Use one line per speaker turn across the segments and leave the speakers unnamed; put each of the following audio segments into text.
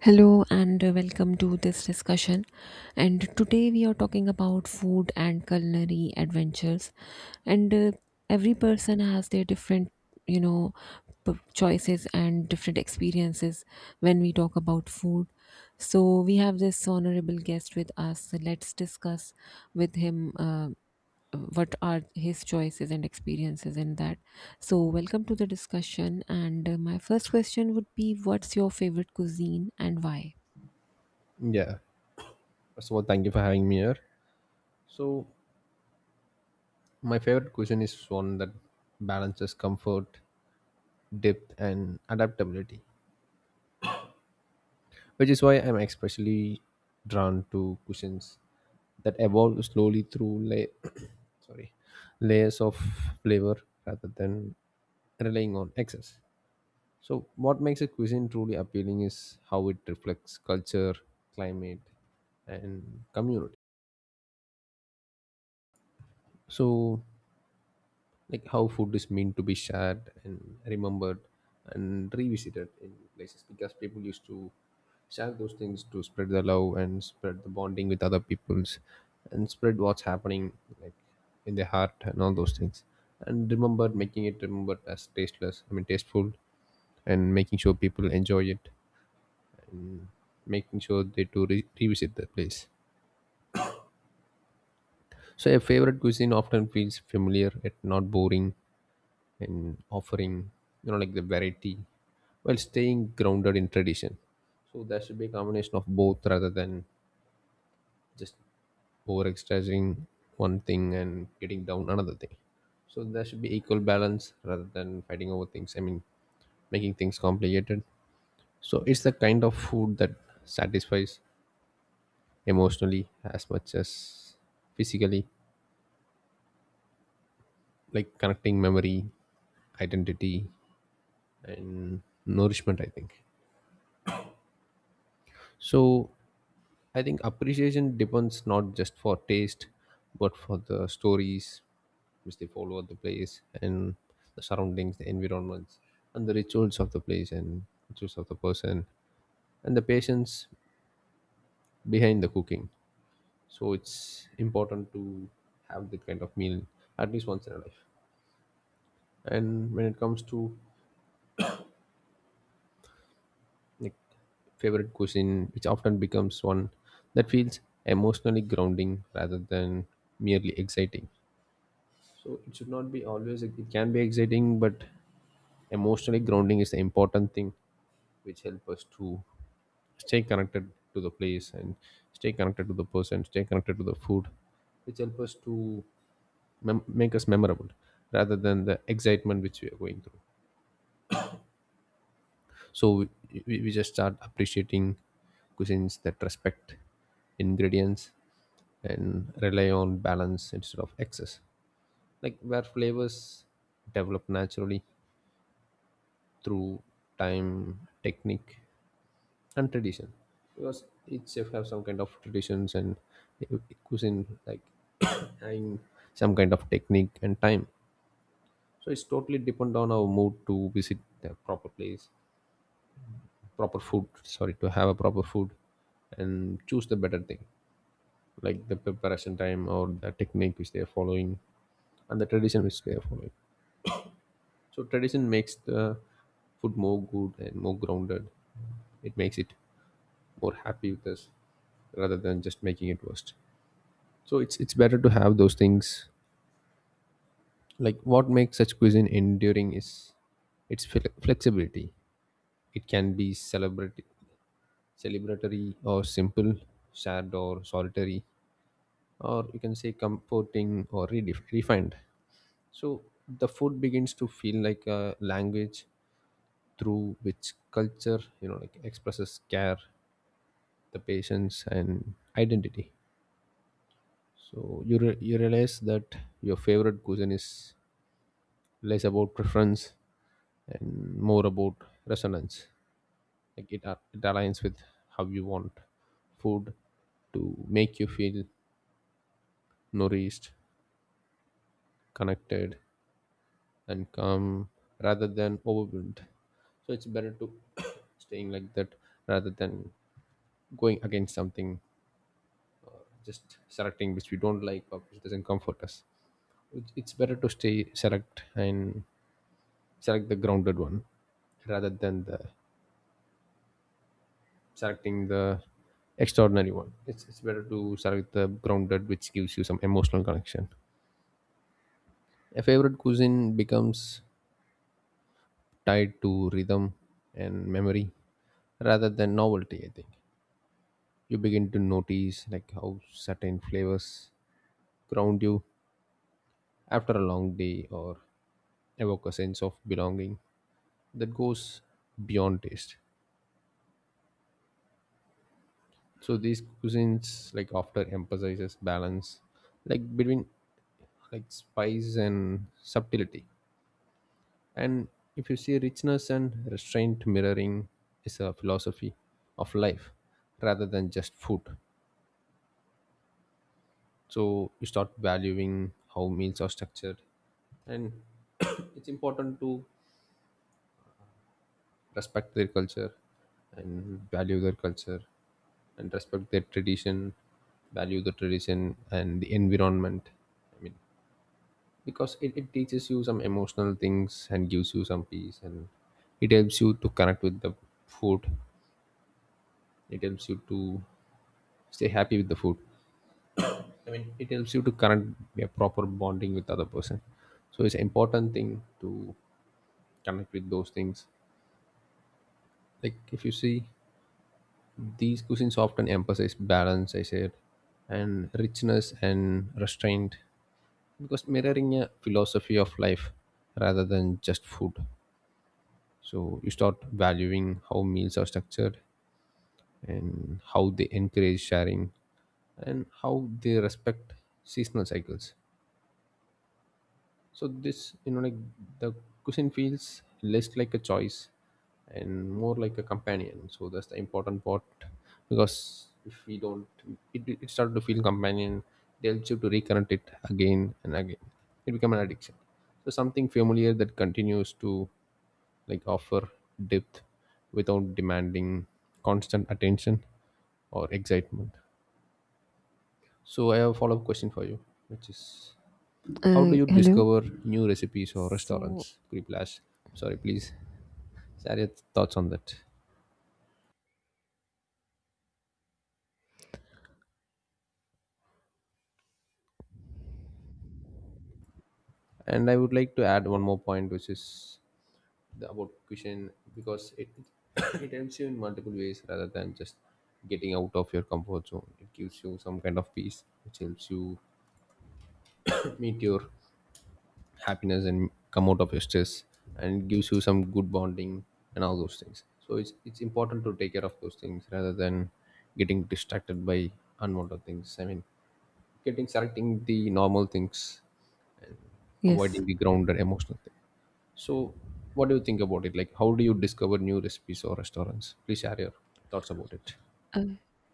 Hello and Welcome to this discussion. And today we are talking about food and culinary adventures. And Every person has their different, you know, choices and different experiences when we talk about food. So we have this honorable guest with us. So let's discuss with him. What are his choices and experiences in that? So welcome to the discussion and my first question would be, what's your favorite cuisine and why?
Yeah. First of all, thank you for having me here. So, my favorite cuisine is one that balances comfort, depth, and adaptability, which is why I'm especially drawn to cuisines that evolve slowly through la- sorry layers of flavor rather than relying on excess. So, what makes a cuisine truly appealing is how it reflects culture, climate, and community. So, like how food is meant to be shared and remembered and revisited in places because people used to share those things to spread the love and spread the bonding with other peoples and spread what's happening like in their heart and all those things and remembered making it remembered as tasteless I mean tasteful and making sure people enjoy it, making sure they do revisit the place. So a favorite cuisine often feels familiar yet not boring, and offering like the variety while staying grounded in tradition. So there should be a combination of both rather than just over exercising one thing and getting down another thing. So there should be equal balance rather than fighting over things I mean making things complicated. So it's the kind of food that satisfies emotionally as much as physically, like connecting memory, identity, and nourishment, I think. So I think appreciation depends not just for taste, but for the stories which they follow at the place and the surroundings, the environments, and the rituals of the place and rituals of the person and the patience behind the cooking. So it's important to have that kind of meal at least once in a life. And when it comes to like favorite cuisine, which often becomes one that feels emotionally grounding rather than merely exciting. So it should not be always. It can be exciting, but emotionally grounding is the important thing, which help us to stay connected to the place and stay connected to the person, stay connected to the food, which help us to make us memorable rather than the excitement which we are going through. So we just start appreciating cuisines that respect ingredients and rely on balance instead of excess, like where flavors develop naturally through time, technique, and tradition. Because each chef have some kind of traditions and cuisine, like having some kind of technique and time. So it's totally depend on our mood to visit the proper place, proper food. Sorry, to have a proper food and choose the better thing, like the preparation time or the technique which they are following and the tradition which they are following. So tradition makes the food more good and more grounded. It makes it more happy with us rather than just making it worse. So it's better to have those things. Like what makes such cuisine enduring is its flexibility. It can be celebratory or simple, sad or solitary, or you can say comforting or refined. So the food begins to feel like a language through which culture, like expresses care, the patience, and identity. So you realize that your favorite cuisine is less about preference and more about resonance. Like it aligns with how you want food to make you feel nourished, connected, and calm rather than overwhelmed. So it's better to staying like that rather than going against something, just selecting which we don't like or which doesn't comfort us. It's better to stay select and select the grounded one rather than the selecting the extraordinary one. It's better to select the grounded which gives you some emotional connection. A favorite cuisine becomes tied to rhythm and memory rather than novelty, I think. You begin to notice like how certain flavors ground you after a long day or evoke a sense of belonging that goes beyond taste. So these cuisines like after emphasizes balance like between like spice and subtlety. And if you see richness and restraint mirroring is a philosophy of life rather than just food. So you start valuing how meals are structured and it's important to respect their culture and value their culture and respect their tradition, value the tradition and the environment. i mean because it teaches you some emotional things and gives you some peace, and it helps you to connect with the food, it helps you to stay happy with the food. I mean, it helps you to connect a proper bonding with other person. So it's an important thing to connect with those things. Like if you see, these cuisines often emphasize balance, I said, and richness and restraint because mirroring a philosophy of life rather than just food. So you start valuing how meals are structured and how they encourage sharing and how they respect seasonal cycles. So this, like the cuisine feels less like a choice and more like a companion. So that's the important part, because if we don't, it started to feel companion, they'll choose to reconnect it again and again. It become an addiction. So something familiar that continues to like offer depth without demanding constant attention or excitement. So I have a follow-up question for you, which is how do you
Hello.
discover new recipes or
So
restaurants? Could you please, sorry, please share your thoughts on that. And I would like to add one more point, which is about cuisine, because it it helps you in multiple ways rather than just getting out of your comfort zone. It gives you some kind of peace, which helps you meet your happiness and come out of your stress, and gives you some good bonding and all those things. So it's important to take care of those things rather than getting distracted by unwanted things. I mean, getting selecting the normal things,
yes.
avoiding the grounded emotional thing. So, what do you think about it? Like, how do you discover new recipes or restaurants? Please share your thoughts about it.
Uh,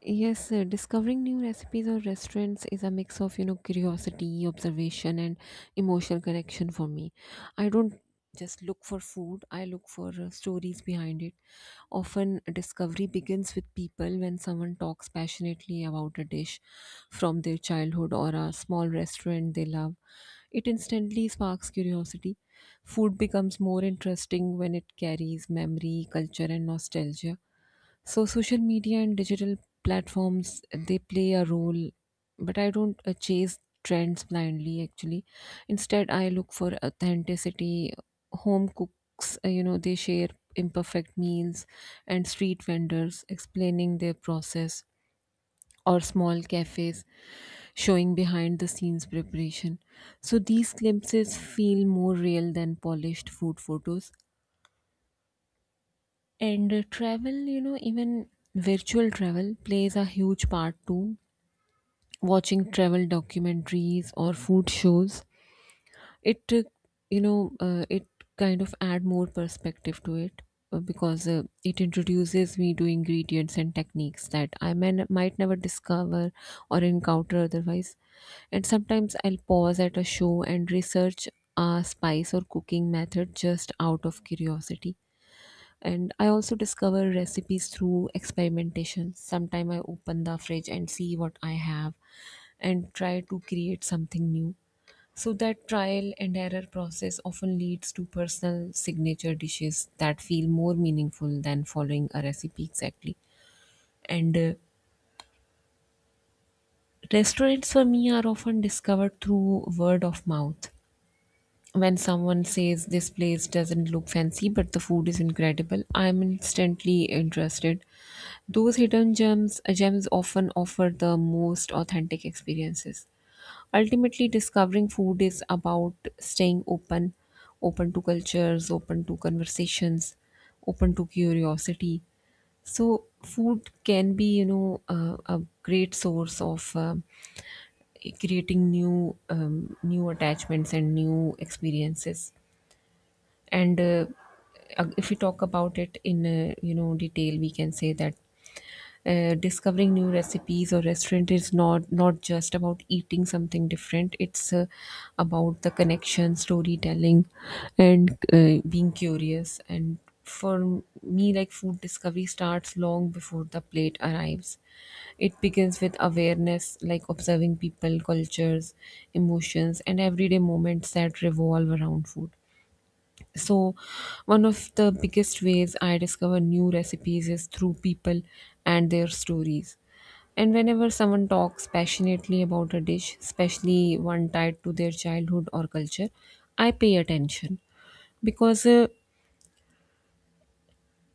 yes, Discovering new recipes or restaurants is a mix of, you know, curiosity, observation, and emotional connection for me. I don't just look for food, I look for stories behind it. Often, discovery begins with people when someone talks passionately about a dish from their childhood or a small restaurant they love. It instantly sparks curiosity. Food becomes more interesting when it carries memory, culture, and nostalgia. So social media and digital platforms, they play a role, but I don't chase trends blindly, actually. Instead, I look for authenticity. Home cooks, they share imperfect meals, and street vendors explaining their process, or small cafes showing behind the scenes preparation. So these glimpses feel more real than polished food photos. And Travel, you know, even virtual travel plays a huge part too. Watching travel documentaries or food shows, it, you know, it kind of add more perspective to it, because it introduces me to ingredients and techniques that might never discover or encounter otherwise. And sometimes I'll pause at a show and research a spice or cooking method just out of curiosity. And I also discover recipes through experimentation. Sometime I open the fridge and see what I have and try to create something new. So that trial and error process often leads to personal signature dishes that feel more meaningful than following a recipe exactly. And Restaurants for me are often discovered through word of mouth. When someone says this place doesn't look fancy but the food is incredible, I'm instantly interested. Those hidden gems often offer the most authentic experiences. Ultimately, discovering food is about staying open, open to cultures, open to conversations, open to curiosity. So food can be, you know, a great source of creating new attachments and new experiences. And If we talk about it in, you know, detail, we can say that, discovering new recipes or restaurant is not just about eating something different. It's about the connection, storytelling, and being curious. And for me, like, food discovery starts long before the plate arrives. It begins with awareness, like observing people, cultures, emotions, and everyday moments that revolve around food. So, one of the biggest ways I discover new recipes is through people and their stories. And whenever someone talks passionately about a dish, especially one tied to their childhood or culture, I pay attention, because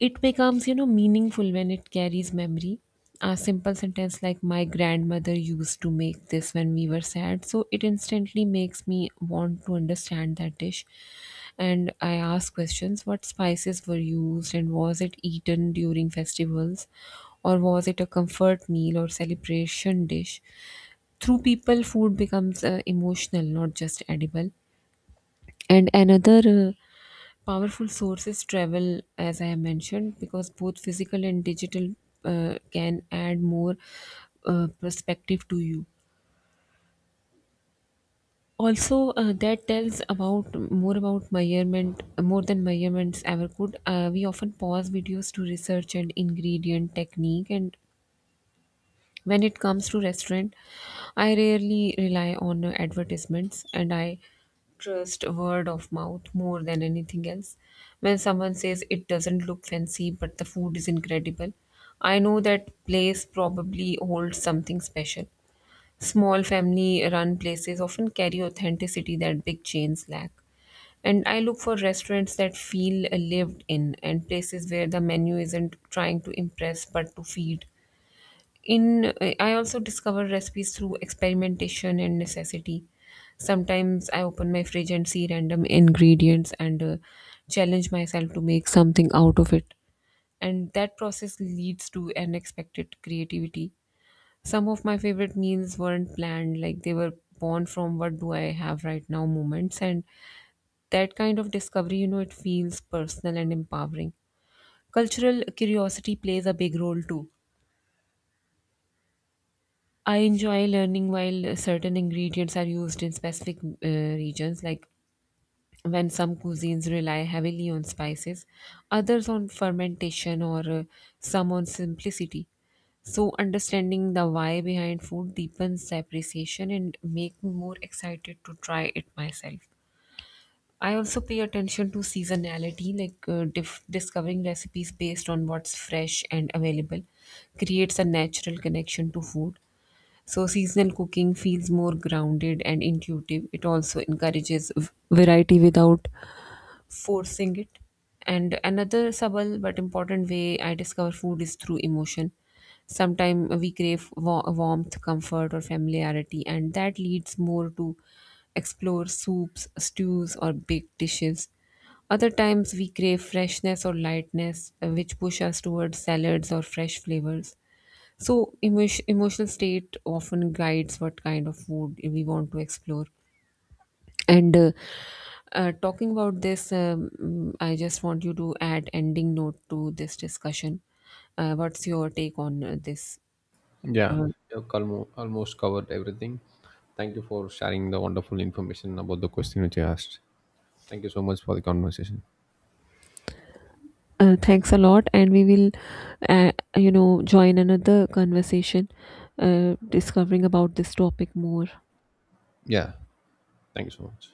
it becomes, you know, meaningful when it carries memory. A simple sentence like "My grandmother used to make this when we were sad," so it instantly makes me want to understand that dish. And I ask questions: what spices were used, and was it eaten during festivals, or was it a comfort meal or celebration dish? Through people, food becomes emotional, not just edible. And another uh, powerful sources travel, as I have mentioned, because both physical and digital can add more perspective to you. Also, that tells about more about measurement, more than measurements ever could. We often pause videos to research and ingredient, technique, and when it comes to restaurant, I rarely rely on advertisements, and I trust word of mouth more than anything else. When someone says it doesn't look fancy but the food is incredible, I know that place probably holds something special. Small family run places often carry authenticity that big chains lack. And I look for restaurants that feel lived in, and places where the menu isn't trying to impress but to feed in. I also discover recipes through experimentation and necessity. Sometimes I open my fridge and see random ingredients and challenge myself to make something out of it, and that process leads to unexpected creativity. Some of my favorite meals weren't planned, like they were born from "what do I have right now" moments. And that kind of discovery, you know, it feels personal and empowering. Cultural curiosity plays a big role too. I enjoy learning while certain ingredients are used in specific regions, like when some cuisines rely heavily on spices, others on fermentation, or some on simplicity. So, understanding the why behind food deepens the appreciation and makes me more excited to try it myself. I also pay attention to seasonality, like, discovering recipes based on what's fresh and available, creates a natural connection to food. So seasonal cooking feels more grounded and intuitive. It also encourages variety without forcing it. And another subtle but important way I discover food is through emotion. Sometimes we crave warmth, comfort, or familiarity, and that leads more to explore soups, stews, or baked dishes. Other times we crave freshness or lightness, which push us towards salads or fresh flavors. So, emotional state often guides what kind of food we want to explore. And Talking about this, I just want you to add ending note to this discussion. What's your take on this?
Yeah,
Uh,
you've almost covered everything. Thank you for sharing the wonderful information about the question which you asked. Thank you so much for the conversation.
Thanks a lot, and we will, uh, you know, join another conversation, discovering about this topic more.
Yeah, thank you so much.